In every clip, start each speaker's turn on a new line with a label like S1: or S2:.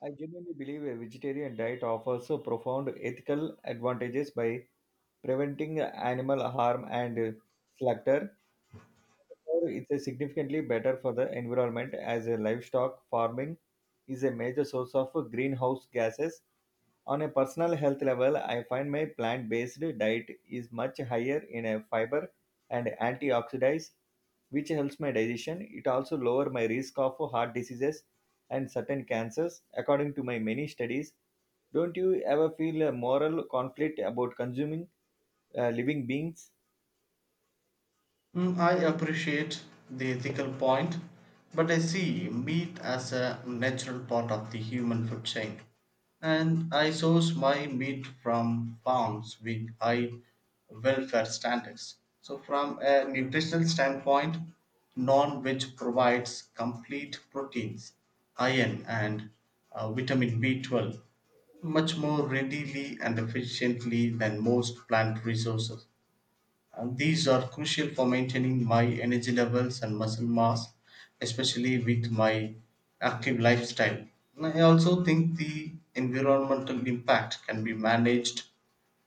S1: I genuinely believe a vegetarian diet offers so profound ethical advantages by preventing animal harm and slaughter. Furthermore, it's a significantly better for the environment as a livestock farming is a major source of greenhouse gases. On a personal health level, I find my plant-based diet is much higher in a fiber and antioxidants, which helps my digestion. It also lower my risk of heart diseases and certain cancers, according to my many studies. Don't you ever feel a moral conflict about consuming living beings?
S2: Mm, I appreciate the ethical point, but I see meat as a natural part of the human food chain. And I source my meat from farms with high welfare standards. So, from a nutritional standpoint, non veg provides complete proteins, iron, and vitamin B12 much more readily and efficiently than most plant resources. And these are crucial for maintaining my energy levels and muscle mass, especially with my active lifestyle. And I also think the environmental impact can be managed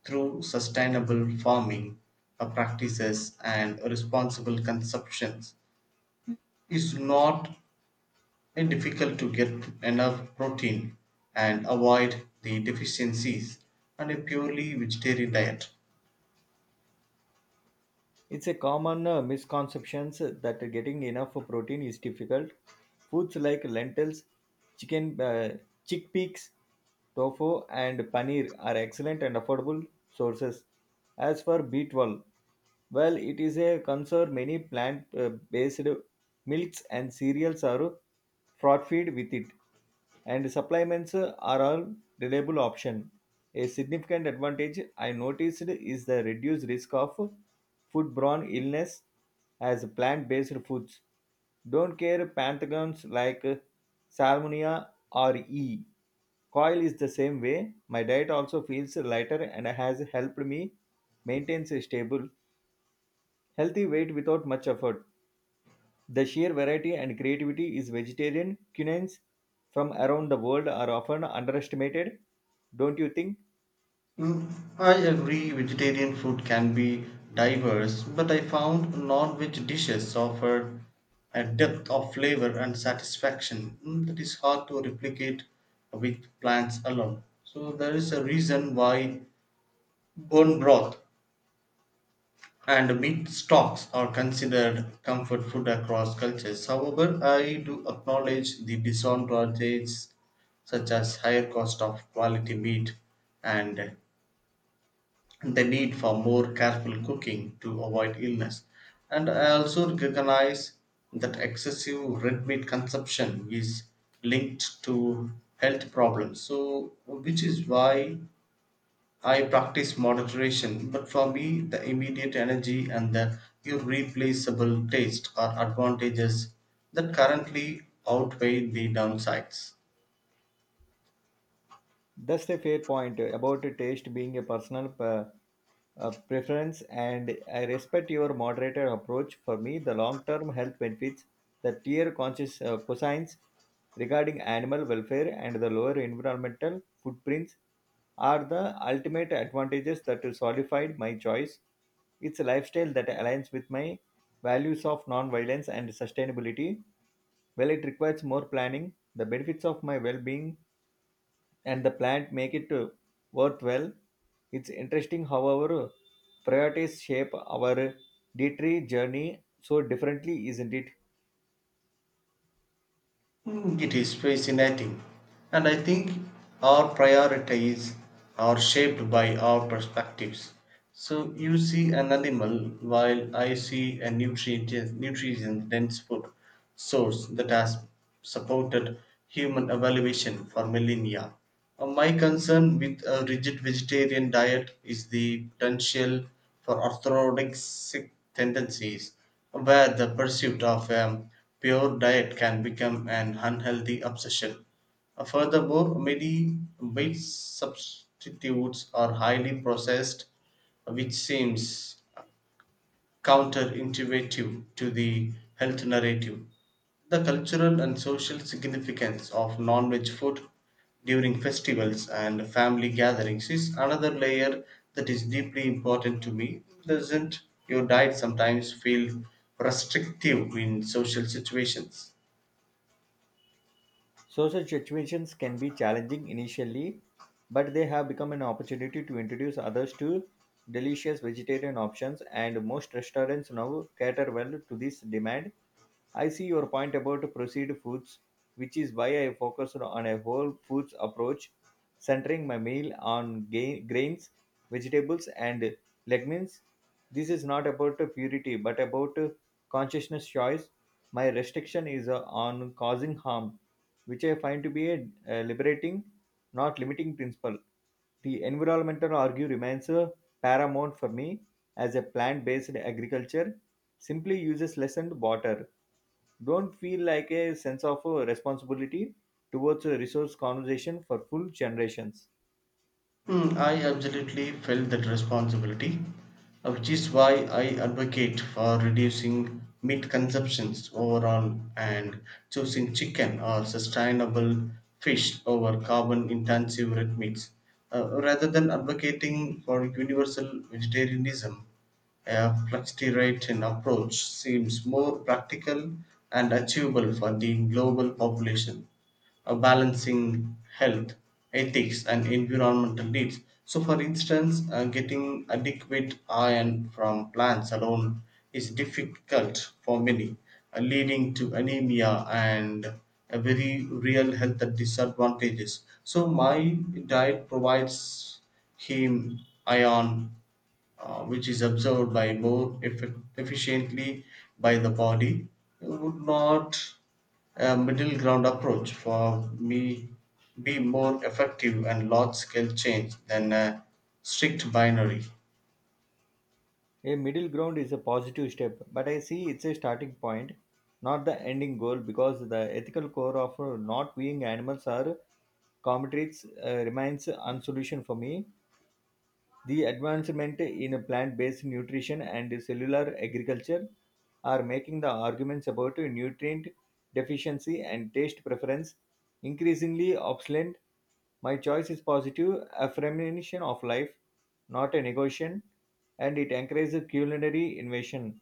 S2: through sustainable farming practices and responsible consumptions. It's not difficult to get enough protein and avoid the deficiencies and a purely vegetarian diet.
S1: It's a common misconceptions that getting enough protein is difficult. Foods like lentils, chicken, chickpeas, tofu, and paneer are excellent and affordable sources. As for B12, well, it is a concern many plant-based milks and cereals are fraud feed with it and supplements are a reliable option. A significant advantage I noticed is the reduced risk of foodborne illness as plant-based foods don't care pathogens like salmonella or E. Coil is the same way. My diet also feels lighter and has helped me maintain a stable, healthy weight without much effort. The sheer variety and creativity is vegetarian cuisines from around the world are often underestimated, don't you think?
S2: Mm, I agree vegetarian food can be diverse, but I found non-veg dishes offered a depth of flavor and satisfaction that is hard to replicate with plants alone. So there is a reason why bone broth and meat stocks are considered comfort food across cultures. However, I do acknowledge the disadvantages such as higher cost of quality meat and the need for more careful cooking to avoid illness. And I also recognize that excessive red meat consumption is linked to health problems. So, which is why I practice moderation. But for me, the immediate energy and the irreplaceable taste are advantages that currently outweigh the downsides.
S1: That's a fair point about taste being a personal preference, and I respect your moderated approach. For me, the long-term health benefits, the tier conscious cosines regarding animal welfare and the lower environmental footprints are the ultimate advantages that solidified my choice. It's a lifestyle that aligns with my values of non-violence and sustainability. Well, it requires more planning, the benefits of my well-being and the plant make it worthwhile. It's interesting how our priorities shape our dietary journey so differently, isn't it?
S2: Mm, it is fascinating. And I think our priorities are shaped by our perspectives. So you see an animal while I see a nutrient dense food source that has supported human evaluation for millennia. My concern with a rigid vegetarian diet is the potential for orthorexic tendencies where the pursuit of a pure diet can become an unhealthy obsession. Furthermore, many meat substitutes are highly processed, which seems counterintuitive to the health narrative. The cultural and social significance of non veg food during festivals and family gatherings is another layer that is deeply important to me. Doesn't your diet sometimes feel restrictive in social situations?
S1: Social situations can be challenging initially, but they have become an opportunity to introduce others to delicious vegetarian options, and most restaurants now cater well to this demand. I see your point about processed foods, which is why I focused on a whole foods approach, centering my meal on grains, vegetables, and legumes. This is not about purity, but about consciousness choice. My restriction is on causing harm, which I find to be a liberating, not limiting principle. The environmental argue remains paramount for me as a plant-based agriculture simply uses lessened water. Don't feel like a sense of responsibility towards a resource conservation for full generations.
S2: Hmm, I absolutely felt that responsibility, which is why I advocate for reducing meat consumptions overall and choosing chicken or sustainable fish over carbon intensive red meats. Rather than advocating for universal vegetarianism, a flexitarian approach seems more practical and achievable for the global population balancing health, ethics, and environmental needs. So, for instance, getting adequate iron from plants alone is difficult for many, leading to anemia and a very real health disadvantages. So, my diet provides him iron which is absorbed by more efficiently by the body. Would not a middle ground approach for me be more effective and large scale change than a strict binary?
S1: A middle ground is a positive step, but I see it's a starting point, not the ending goal, because the ethical core of not being animals are comrades remains unsolution for me. The advancement in plant-based nutrition and cellular agriculture are making the arguments about nutrient deficiency and taste preference increasingly obsolete. My choice is positive affirmation of life, not a negation, and it encourages culinary innovation.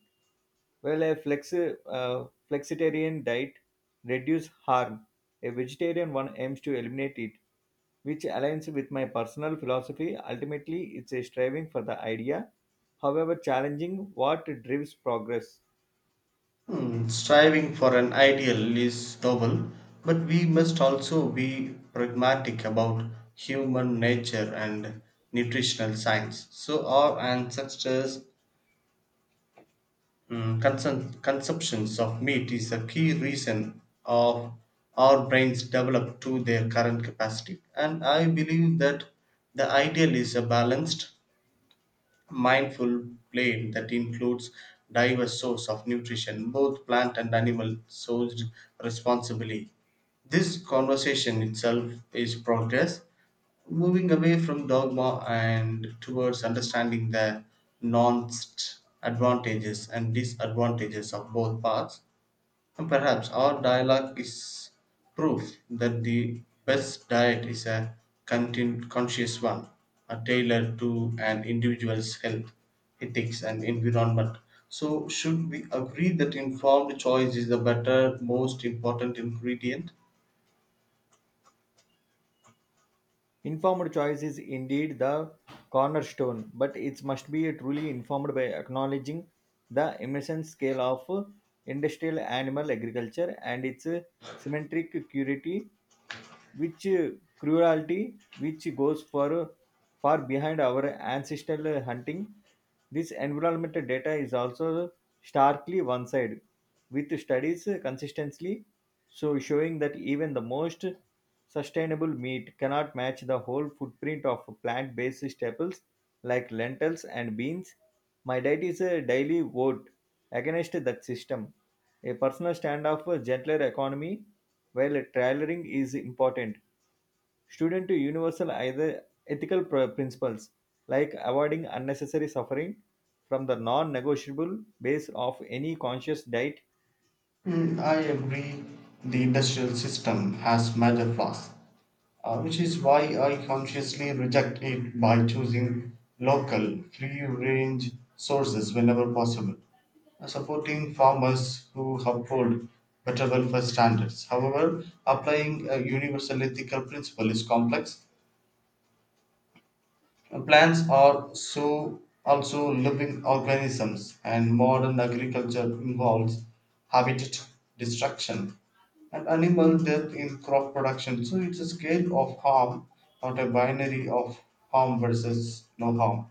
S1: Well, a flexitarian diet reduces harm. A vegetarian one aims to eliminate it, which aligns with my personal philosophy. Ultimately, it's a striving for the idea, however challenging, what drives progress.
S2: Hmm, striving for an ideal is noble, but we must also be pragmatic about human nature and nutritional science. So our ancestors consumptions of meat is a key reason of our brains develop to their current capacity, and I believe that the ideal is a balanced, mindful plane that includes diverse source of nutrition, both plant and animal sourced responsibly. This conversation itself is progress, moving away from dogma and towards understanding the nuanced advantages and disadvantages of both paths. Perhaps our dialogue is proof that the best diet is a content conscious one, tailored to an individual's health, ethics, and environment. So, should we agree that informed choice is the better, most important ingredient?
S1: Informed choice is indeed the cornerstone, but it must be truly informed by acknowledging the immense scale of industrial animal agriculture and its symmetric purity which cruelty which goes for far behind our ancestral hunting. This environmental data is also starkly one sided, with studies consistently so showing that even the most sustainable meat cannot match the whole footprint of plant based staples like lentils and beans. My diet is a daily vote against that system. A personal standoff for gentler economy, while tailoring is important, student to universal either ethical principles like avoiding unnecessary suffering from the non-negotiable base of any conscious diet.
S2: Hmm, I agree, the industrial system has major flaws, which is why I consciously reject it by choosing local, free range sources whenever possible, supporting farmers who uphold better welfare standards. However, applying a universal ethical principle is complex. Plants are so also living organisms, and modern agriculture involves habitat destruction and animal death in crop production. So it's a scale of harm, not a binary of harm versus no harm.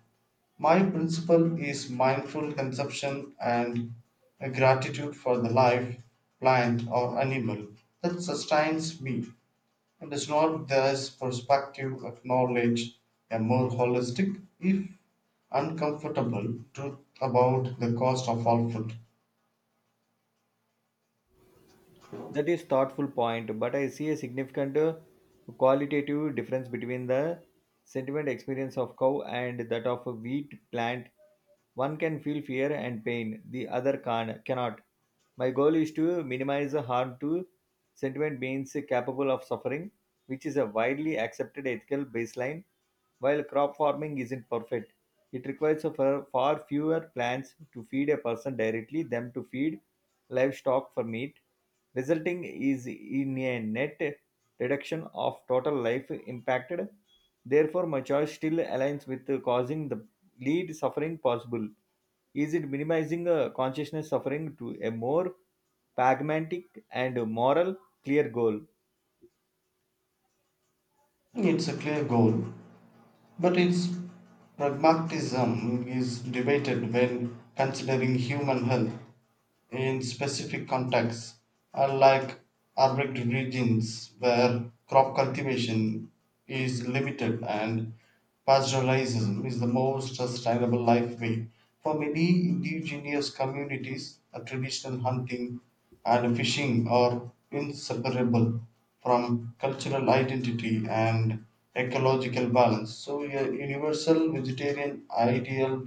S2: My principle is mindful consumption and a gratitude for the life, plant, or animal that sustains me. And is not this perspective of knowledge a more holistic, if uncomfortable, truth about the cost of all food?
S1: That is thoughtful point, but I see a significant qualitative difference between the sentiment experience of cow and that of a wheat plant. One can feel fear and pain, the other can cannot. My goal is to minimize the harm to sentiment beings capable of suffering, which is a widely accepted ethical baseline. While crop farming isn't perfect, it requires a far fewer plants to feed a person directly than to feed livestock for meat, resulting is in a net reduction of total life impacted. Therefore, my choice still aligns with causing the lead suffering possible. Is it minimizing consciousness suffering to a more pragmatic and moral clear goal?
S2: It's a clear goal, but its pragmatism is debated when considering human health. In specific contexts, unlike arid regions where crop cultivation is limited and pastoralism is the most sustainable life way. For many indigenous communities, a traditional hunting and fishing are inseparable from cultural identity and ecological balance. So, a universal vegetarian ideal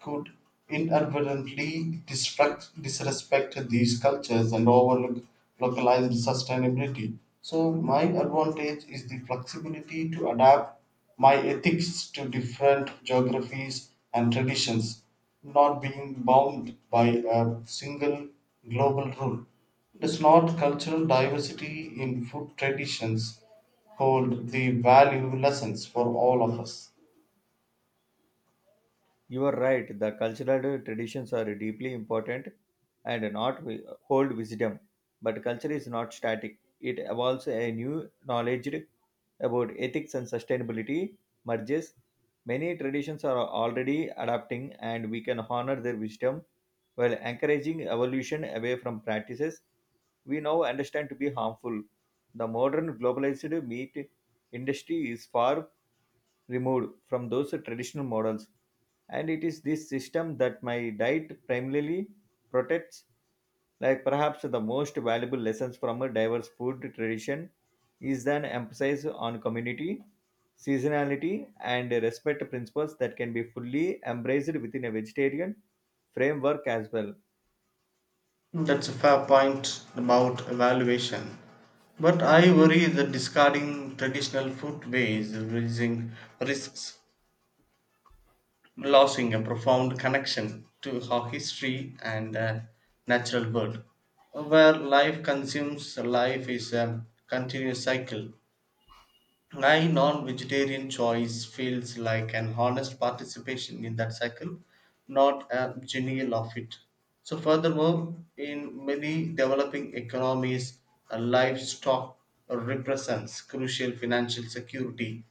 S2: could inadvertently disrupt, disrespect these cultures and overlook localized sustainability. So, my advantage is the flexibility to adapt my ethics to different geographies and traditions, not being bound by a single global rule. Does not cultural diversity in food traditions hold the value lessons for all of us?
S1: You are right, the cultural traditions are deeply important and not hold wisdom. But culture is not static, it evolves a new knowledge about ethics and sustainability merges. Many traditions are already adapting, and we can honor their wisdom while encouraging evolution away from practices we now understand to be harmful. The modern globalized meat industry is far removed from those traditional models, and it is this system that my diet primarily protects, like perhaps the most valuable lessons from a diverse food tradition is an emphasis on community, seasonality, and respect principles that can be fully embraced within a vegetarian framework as well.
S2: That's a fair point about evaluation. But I worry that discarding traditional food ways is raising risks losing a profound connection to our history and natural world. Where life consumes, life is a continuous cycle. My non vegetarian choice feels like an honest participation in that cycle, not a denial of it. So, furthermore, in many developing economies, a livestock represents crucial financial security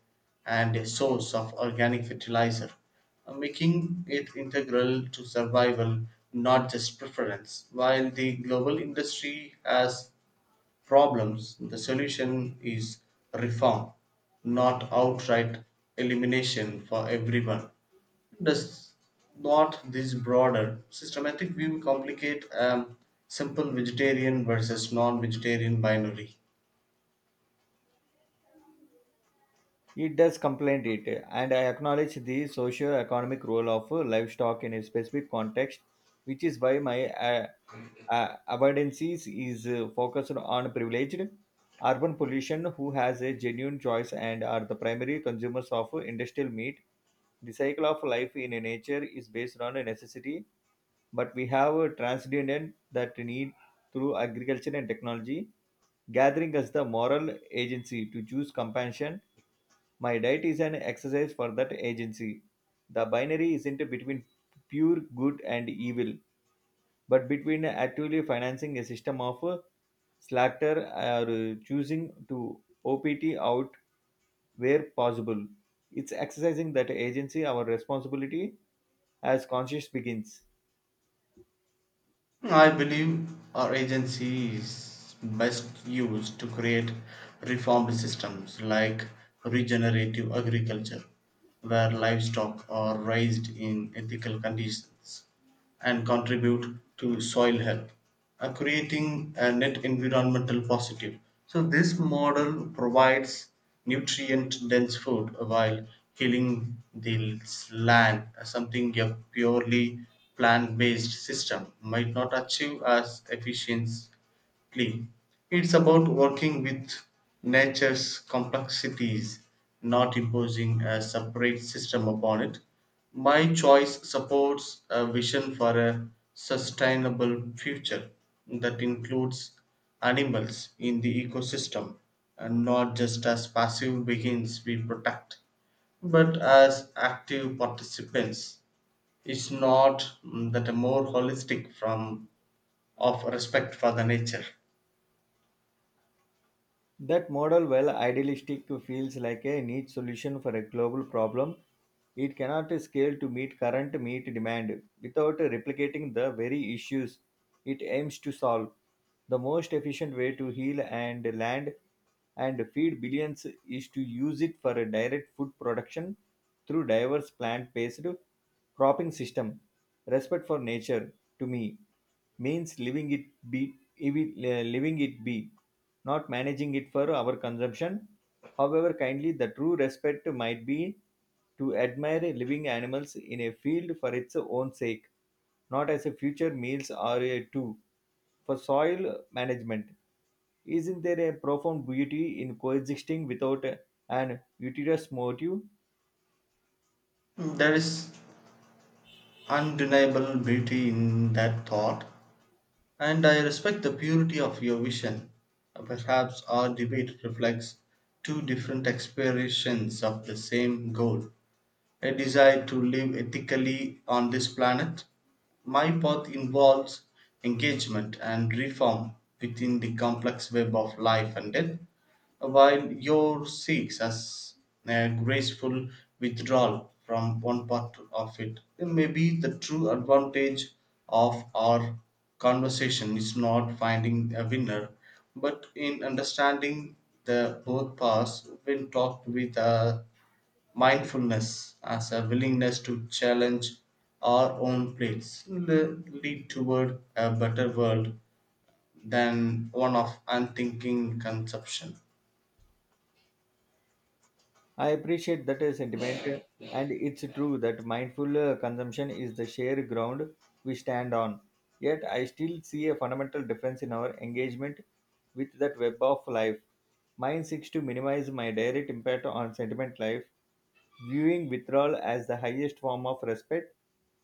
S2: and a source of organic fertilizer, making it integral to survival, not just preference. While the global industry has problems, the solution is reform, not outright elimination for everyone. Does not this broader systematic view complicate a simple vegetarian versus non vegetarian binary?
S1: It does contemplate it, and I acknowledge the socio-economic role of livestock in a specific context, which is why my avoidance is focused on privileged urban population who has a genuine choice and are the primary consumers of industrial meat. The cycle of life in nature is based on a necessity, but we have transcended that need through agriculture and technology, gathering us the moral agency to choose compassion. My diet is an exercise for that agency. The binary isn't between pure good and evil, but between actively financing a system of slaughter or choosing to opt out where possible. It's exercising that agency, our responsibility as conscious begins.
S2: I believe our agency is best used to create reformed systems like regenerative agriculture, where livestock are raised in ethical conditions and contribute to soil health, creating a net environmental positive. So, this model provides nutrient dense food while healing the land, something a purely plant based system might not achieve as efficiency. It's about working with nature's complexities, not imposing a separate system upon it. My choice supports a vision for a sustainable future that includes animals in the ecosystem, and not just as passive beings we protect but as active participants. It's not that a more holistic from of respect for the nature?
S1: That model, while idealistic, feels like a niche solution for a global problem. It cannot scale to meet current meat demand without replicating the very issues it aims to solve. The most efficient way to heal and land and feed billions is to use it for a direct food production through diverse plant-based cropping system. Respect for nature, to me, means be, living it be not managing it for our consumption. However, kindly, the true respect might be to admire living animals in a field for its own sake, not as a future meals or a tool. For soil management, isn't there a profound beauty in coexisting without an utilitarian motive?
S2: There is undeniable beauty in that thought, and I respect the purity of your vision. Perhaps our debate reflects two different aspirations of the same goal, a desire to live ethically on this planet. My path involves engagement and reform within the complex web of life and death, while yours seeks as a graceful withdrawal from one part of it. It may be the true advantage of our conversation is not finding a winner, but in understanding the both paths when talked with a mindfulness as a willingness to challenge our own plates lead toward a better world than one of unthinking consumption.
S1: I appreciate that sentiment, and it's true that mindful consumption is the shared ground we stand on. Yet, I still see a fundamental difference in our engagement with that web of life. Mine seeks to minimize my direct impact on sentiment life, viewing withdrawal as the highest form of respect.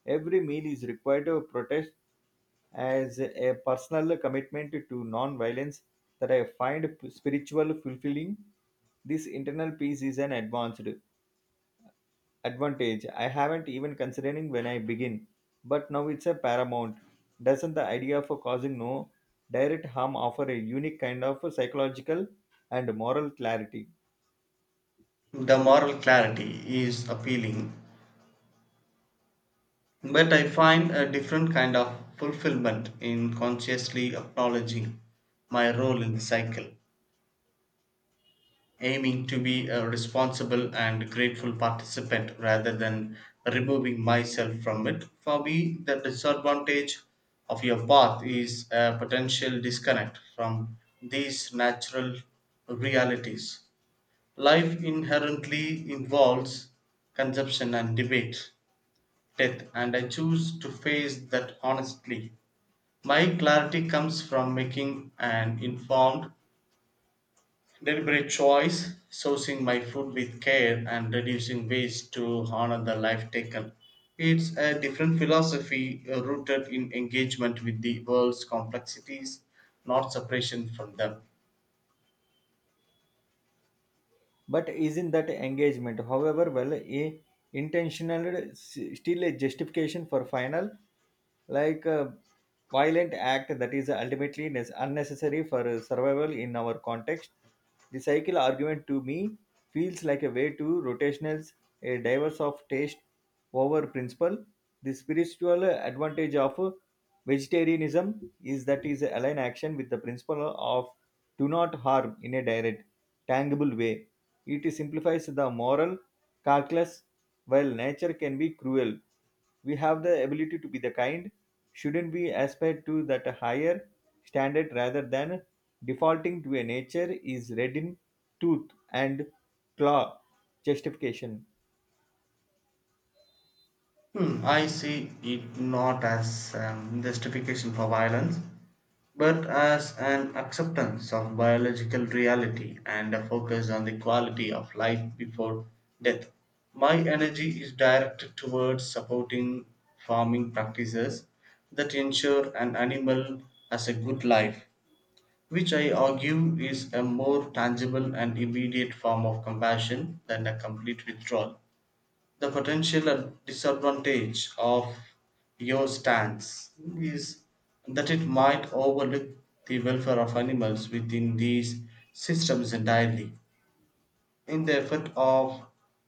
S1: Every meal is required to protest as a personal commitment to non-violence that I find spiritual fulfilling. This internal peace is an advanced advantage I haven't even considering when I begin, but now it's a paramount. Doesn't the idea for causing no direct harm offer a unique kind of psychological and moral clarity?
S2: The moral clarity is appealing, but I find a different kind of fulfillment in consciously acknowledging my role in the cycle, aiming to be a responsible and grateful participant rather than removing myself from it. For me, the disadvantage of your path is a potential disconnect from these natural realities. Life inherently involves consumption and debate, death, and I choose to face that honestly. My clarity comes from making an informed, deliberate choice, sourcing my food with care and reducing waste to honor the life taken. It's a different philosophy, rooted in engagement with the world's complexities, not separation from them.
S1: But isn't that engagement, however well a intentional, still a justification for final like a violent act that is ultimately unnecessary for survival in our context. The cycle argument to me feels like a way to rotationals, a diverse of taste over principle. The spiritual advantage of vegetarianism is that is align action with the principle of do not harm in a direct, tangible way. It simplifies the moral calculus. While nature can be cruel, we have the ability to be the kind. Shouldn't we aspire to that higher standard rather than defaulting to a nature is red in tooth and claw justification?
S2: Hmm, I see it not as justification for violence, but as an acceptance of biological reality and a focus on the quality of life before death. My energy is directed towards supporting farming practices that ensure an animal has a good life, which I argue is a more tangible and immediate form of compassion than a complete withdrawal. The potential disadvantage of your stance is that it might overlook the welfare of animals within these systems entirely, in the effort of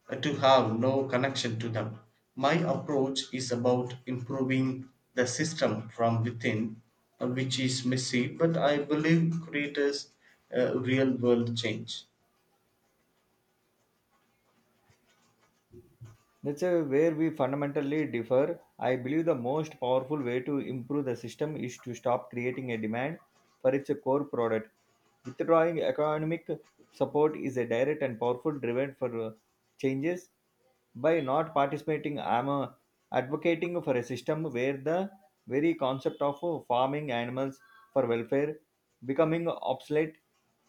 S2: to have no connection to them. My approach is about improving the system from within, which is messy, but I believe creates real world change.
S1: That's where we fundamentally differ. I believe the most powerful way to improve the system is to stop creating a demand for its core product. Withdrawing economic support is a direct and powerful driven for changes. By not participating, I'm advocating for a system where the very concept of farming animals for welfare becoming obsolete,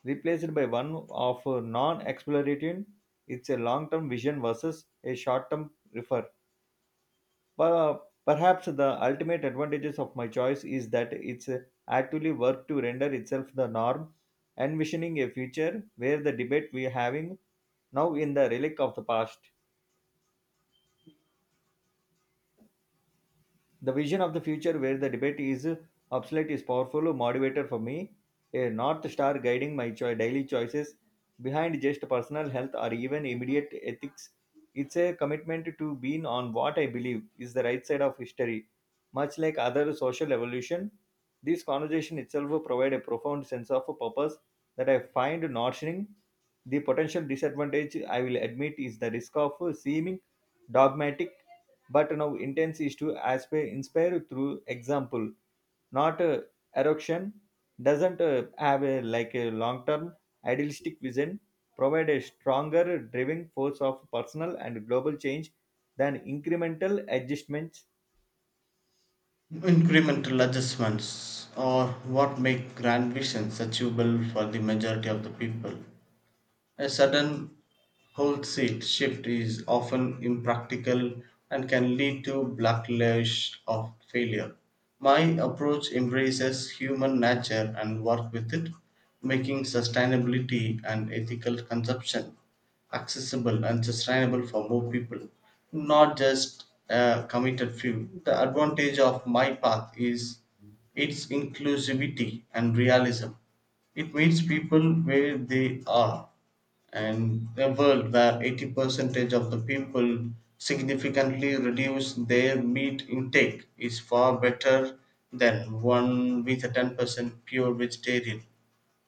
S1: replaced by one of non-exploitation. It's a long-term vision versus a short-term refer. But perhaps the ultimate advantages of my choice is that it's actively work to render itself the norm, envisioning a future where the debate we're having now in the relic of the past. The vision of the future where the debate is obsolete is powerful motivator for me, a north star guiding my daily choices behind just personal health or even immediate ethics. It's a commitment to being on what I believe is the right side of history, much like other social evolution. This conversation itself provides a profound sense of purpose that I find nourishing. The potential disadvantage I will admit is the risk of seeming dogmatic but now intent is to aspire, inspire through example, not erection. Doesn't have a like a long-term idealistic vision. Provide a stronger driving force of personal and global change than incremental adjustments.
S2: Incremental adjustments are what make grand visions achievable for the majority of the people. A sudden wholesale shift is often impractical and can lead to backlash or failure. My approach embraces human nature and work with it, making sustainability and ethical consumption accessible and sustainable for more people, not just a committed few. The advantage of my path is its inclusivity and realism. It meets people where they are, and a world where 80 percentage of the people significantly reduce their meat intake is far better than one with a 10% pure vegetarian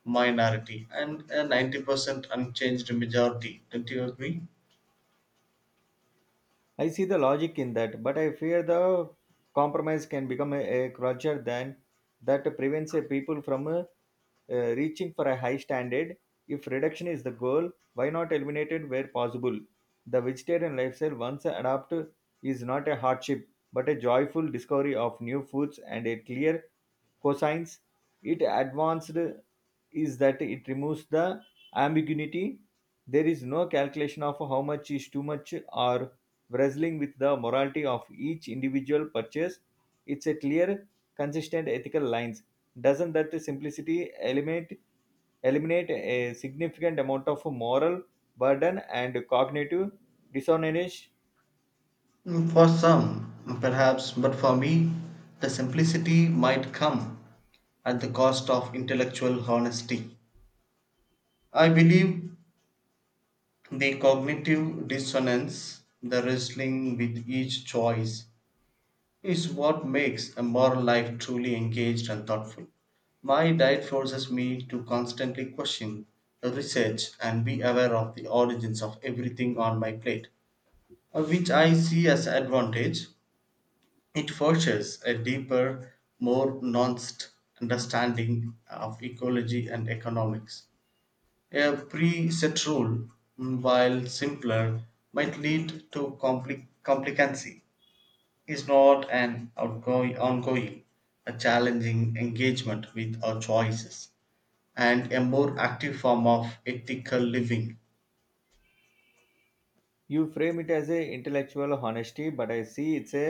S2: minority and a 90% unchanged majority. Don't you agree?
S1: I see the logic in that, but I fear the compromise can become a crutcher than that prevents a people from reaching for a high standard. If reduction is the goal, why not eliminate it where possible? The vegetarian lifestyle once adopted is not a hardship, but a joyful discovery of new foods and a clear cosines. It advanced is that it removes the ambiguity. There is no calculation of how much is too much or wrestling with the morality of each individual purchase. It's a clear, consistent ethical lines. Doesn't that simplicity eliminate a significant amount of moral burden and cognitive dissonance?
S2: Mm, for some, perhaps, but for me, the simplicity might come at the cost of intellectual honesty. I believe the cognitive dissonance, the wrestling with each choice, is what makes a moral life truly engaged and thoughtful. My diet forces me to constantly question, research, and be aware of the origins of everything on my plate, which I see as advantage. It forces a deeper, more nuanced understanding of ecology and economics. A preset rule, while simpler, might lead to complicancy, is not an outgoing, ongoing, a challenging engagement with our choices, and a more active form of ethical living.
S1: You frame it as a intellectual honesty, but I see it's a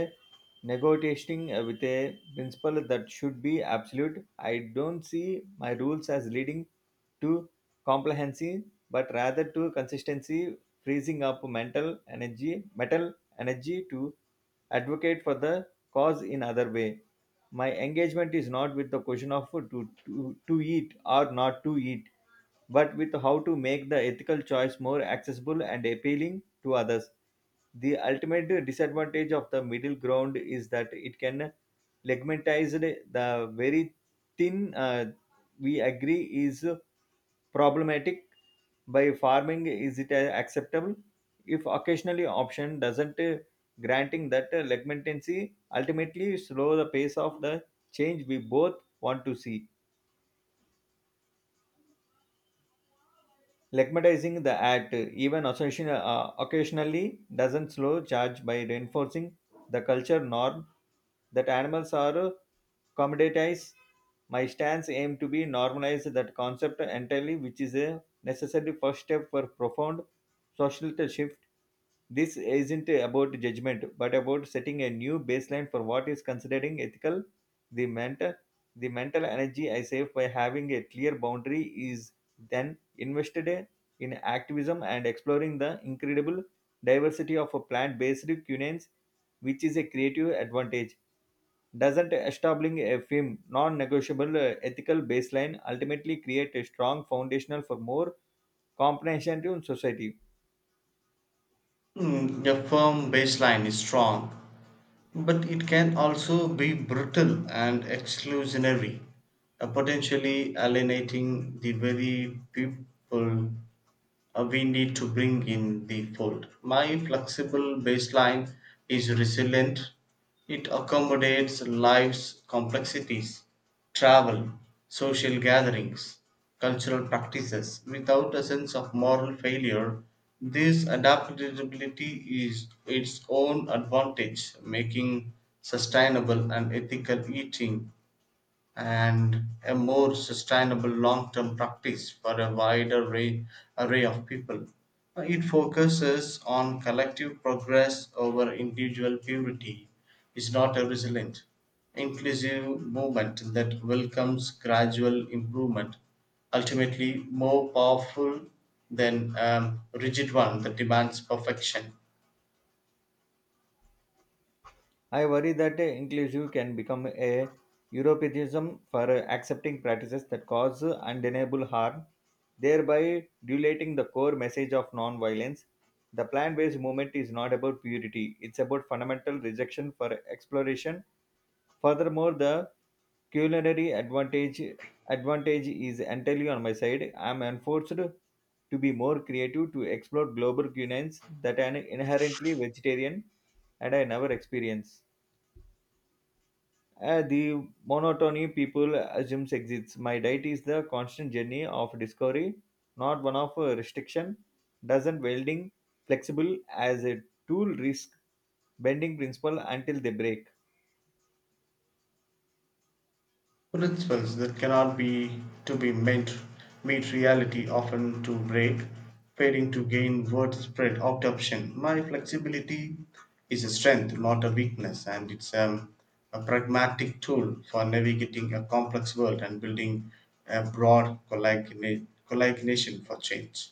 S1: negotiating with a principle that should be absolute. I don't see my rules as leading to complacency, but rather to consistency, freezing up mental energy to advocate for the cause in other way. My engagement is not with the question of to eat or not to eat, but with how to make the ethical choice more accessible and appealing to others. The ultimate disadvantage of the middle ground is that it can legmentize the very thin we agree is problematic by farming is it acceptable if occasionally option doesn't granting that legmentancy ultimately slow the pace of the change we both want to see. Legitimating the act, even occasionally, doesn't slow charge by reinforcing the culture norm that animals are commoditized. My stance aim to be normalize that concept entirely, which is a necessary first step for profound social shift. This isn't about judgment, but about setting a new baseline for what is considering ethical. The mental, the mental energy I save by having a clear boundary is then invested in activism and exploring the incredible diversity of plant based cuisines, which is a creative advantage. Doesn't establishing a firm, non negotiable ethical baseline ultimately create a strong foundational for more comprehensive society?
S2: Mm, a firm baseline is strong, but it can also be brittle and exclusionary, potentially alienating the very people we need to bring in the fold. My flexible baseline is resilient, it accommodates life's complexities, travel, social gatherings, cultural practices without a sense of moral failure. This adaptability is its own advantage, making sustainable and ethical eating and a more sustainable long term practice for a wider array of people. It focuses on collective progress over individual purity, is not a resilient, inclusive movement that welcomes gradual improvement, ultimately more powerful than a rigid one that demands perfection.
S1: I worry that inclusive can become a Europeanism for accepting practices that cause undeniable harm, thereby diluting the core message of non-violence. The plant-based movement is not about purity; it's about fundamental rejection for exploration. Furthermore, the culinary advantage is entirely on my side. I'm enforced to be more creative to explore global cuisines that are inherently vegetarian and I never experience. The monotony people assumes exists. My diet is the constant journey of discovery, not one of restriction. Doesn't welding flexible as a tool risk bending principle until they break?
S2: Principles that cannot be to be meant meet reality often to break, failing to gain widespread adoption. My flexibility is a strength, not a weakness, and it's a pragmatic tool for navigating a complex world and building a broad collagination for change.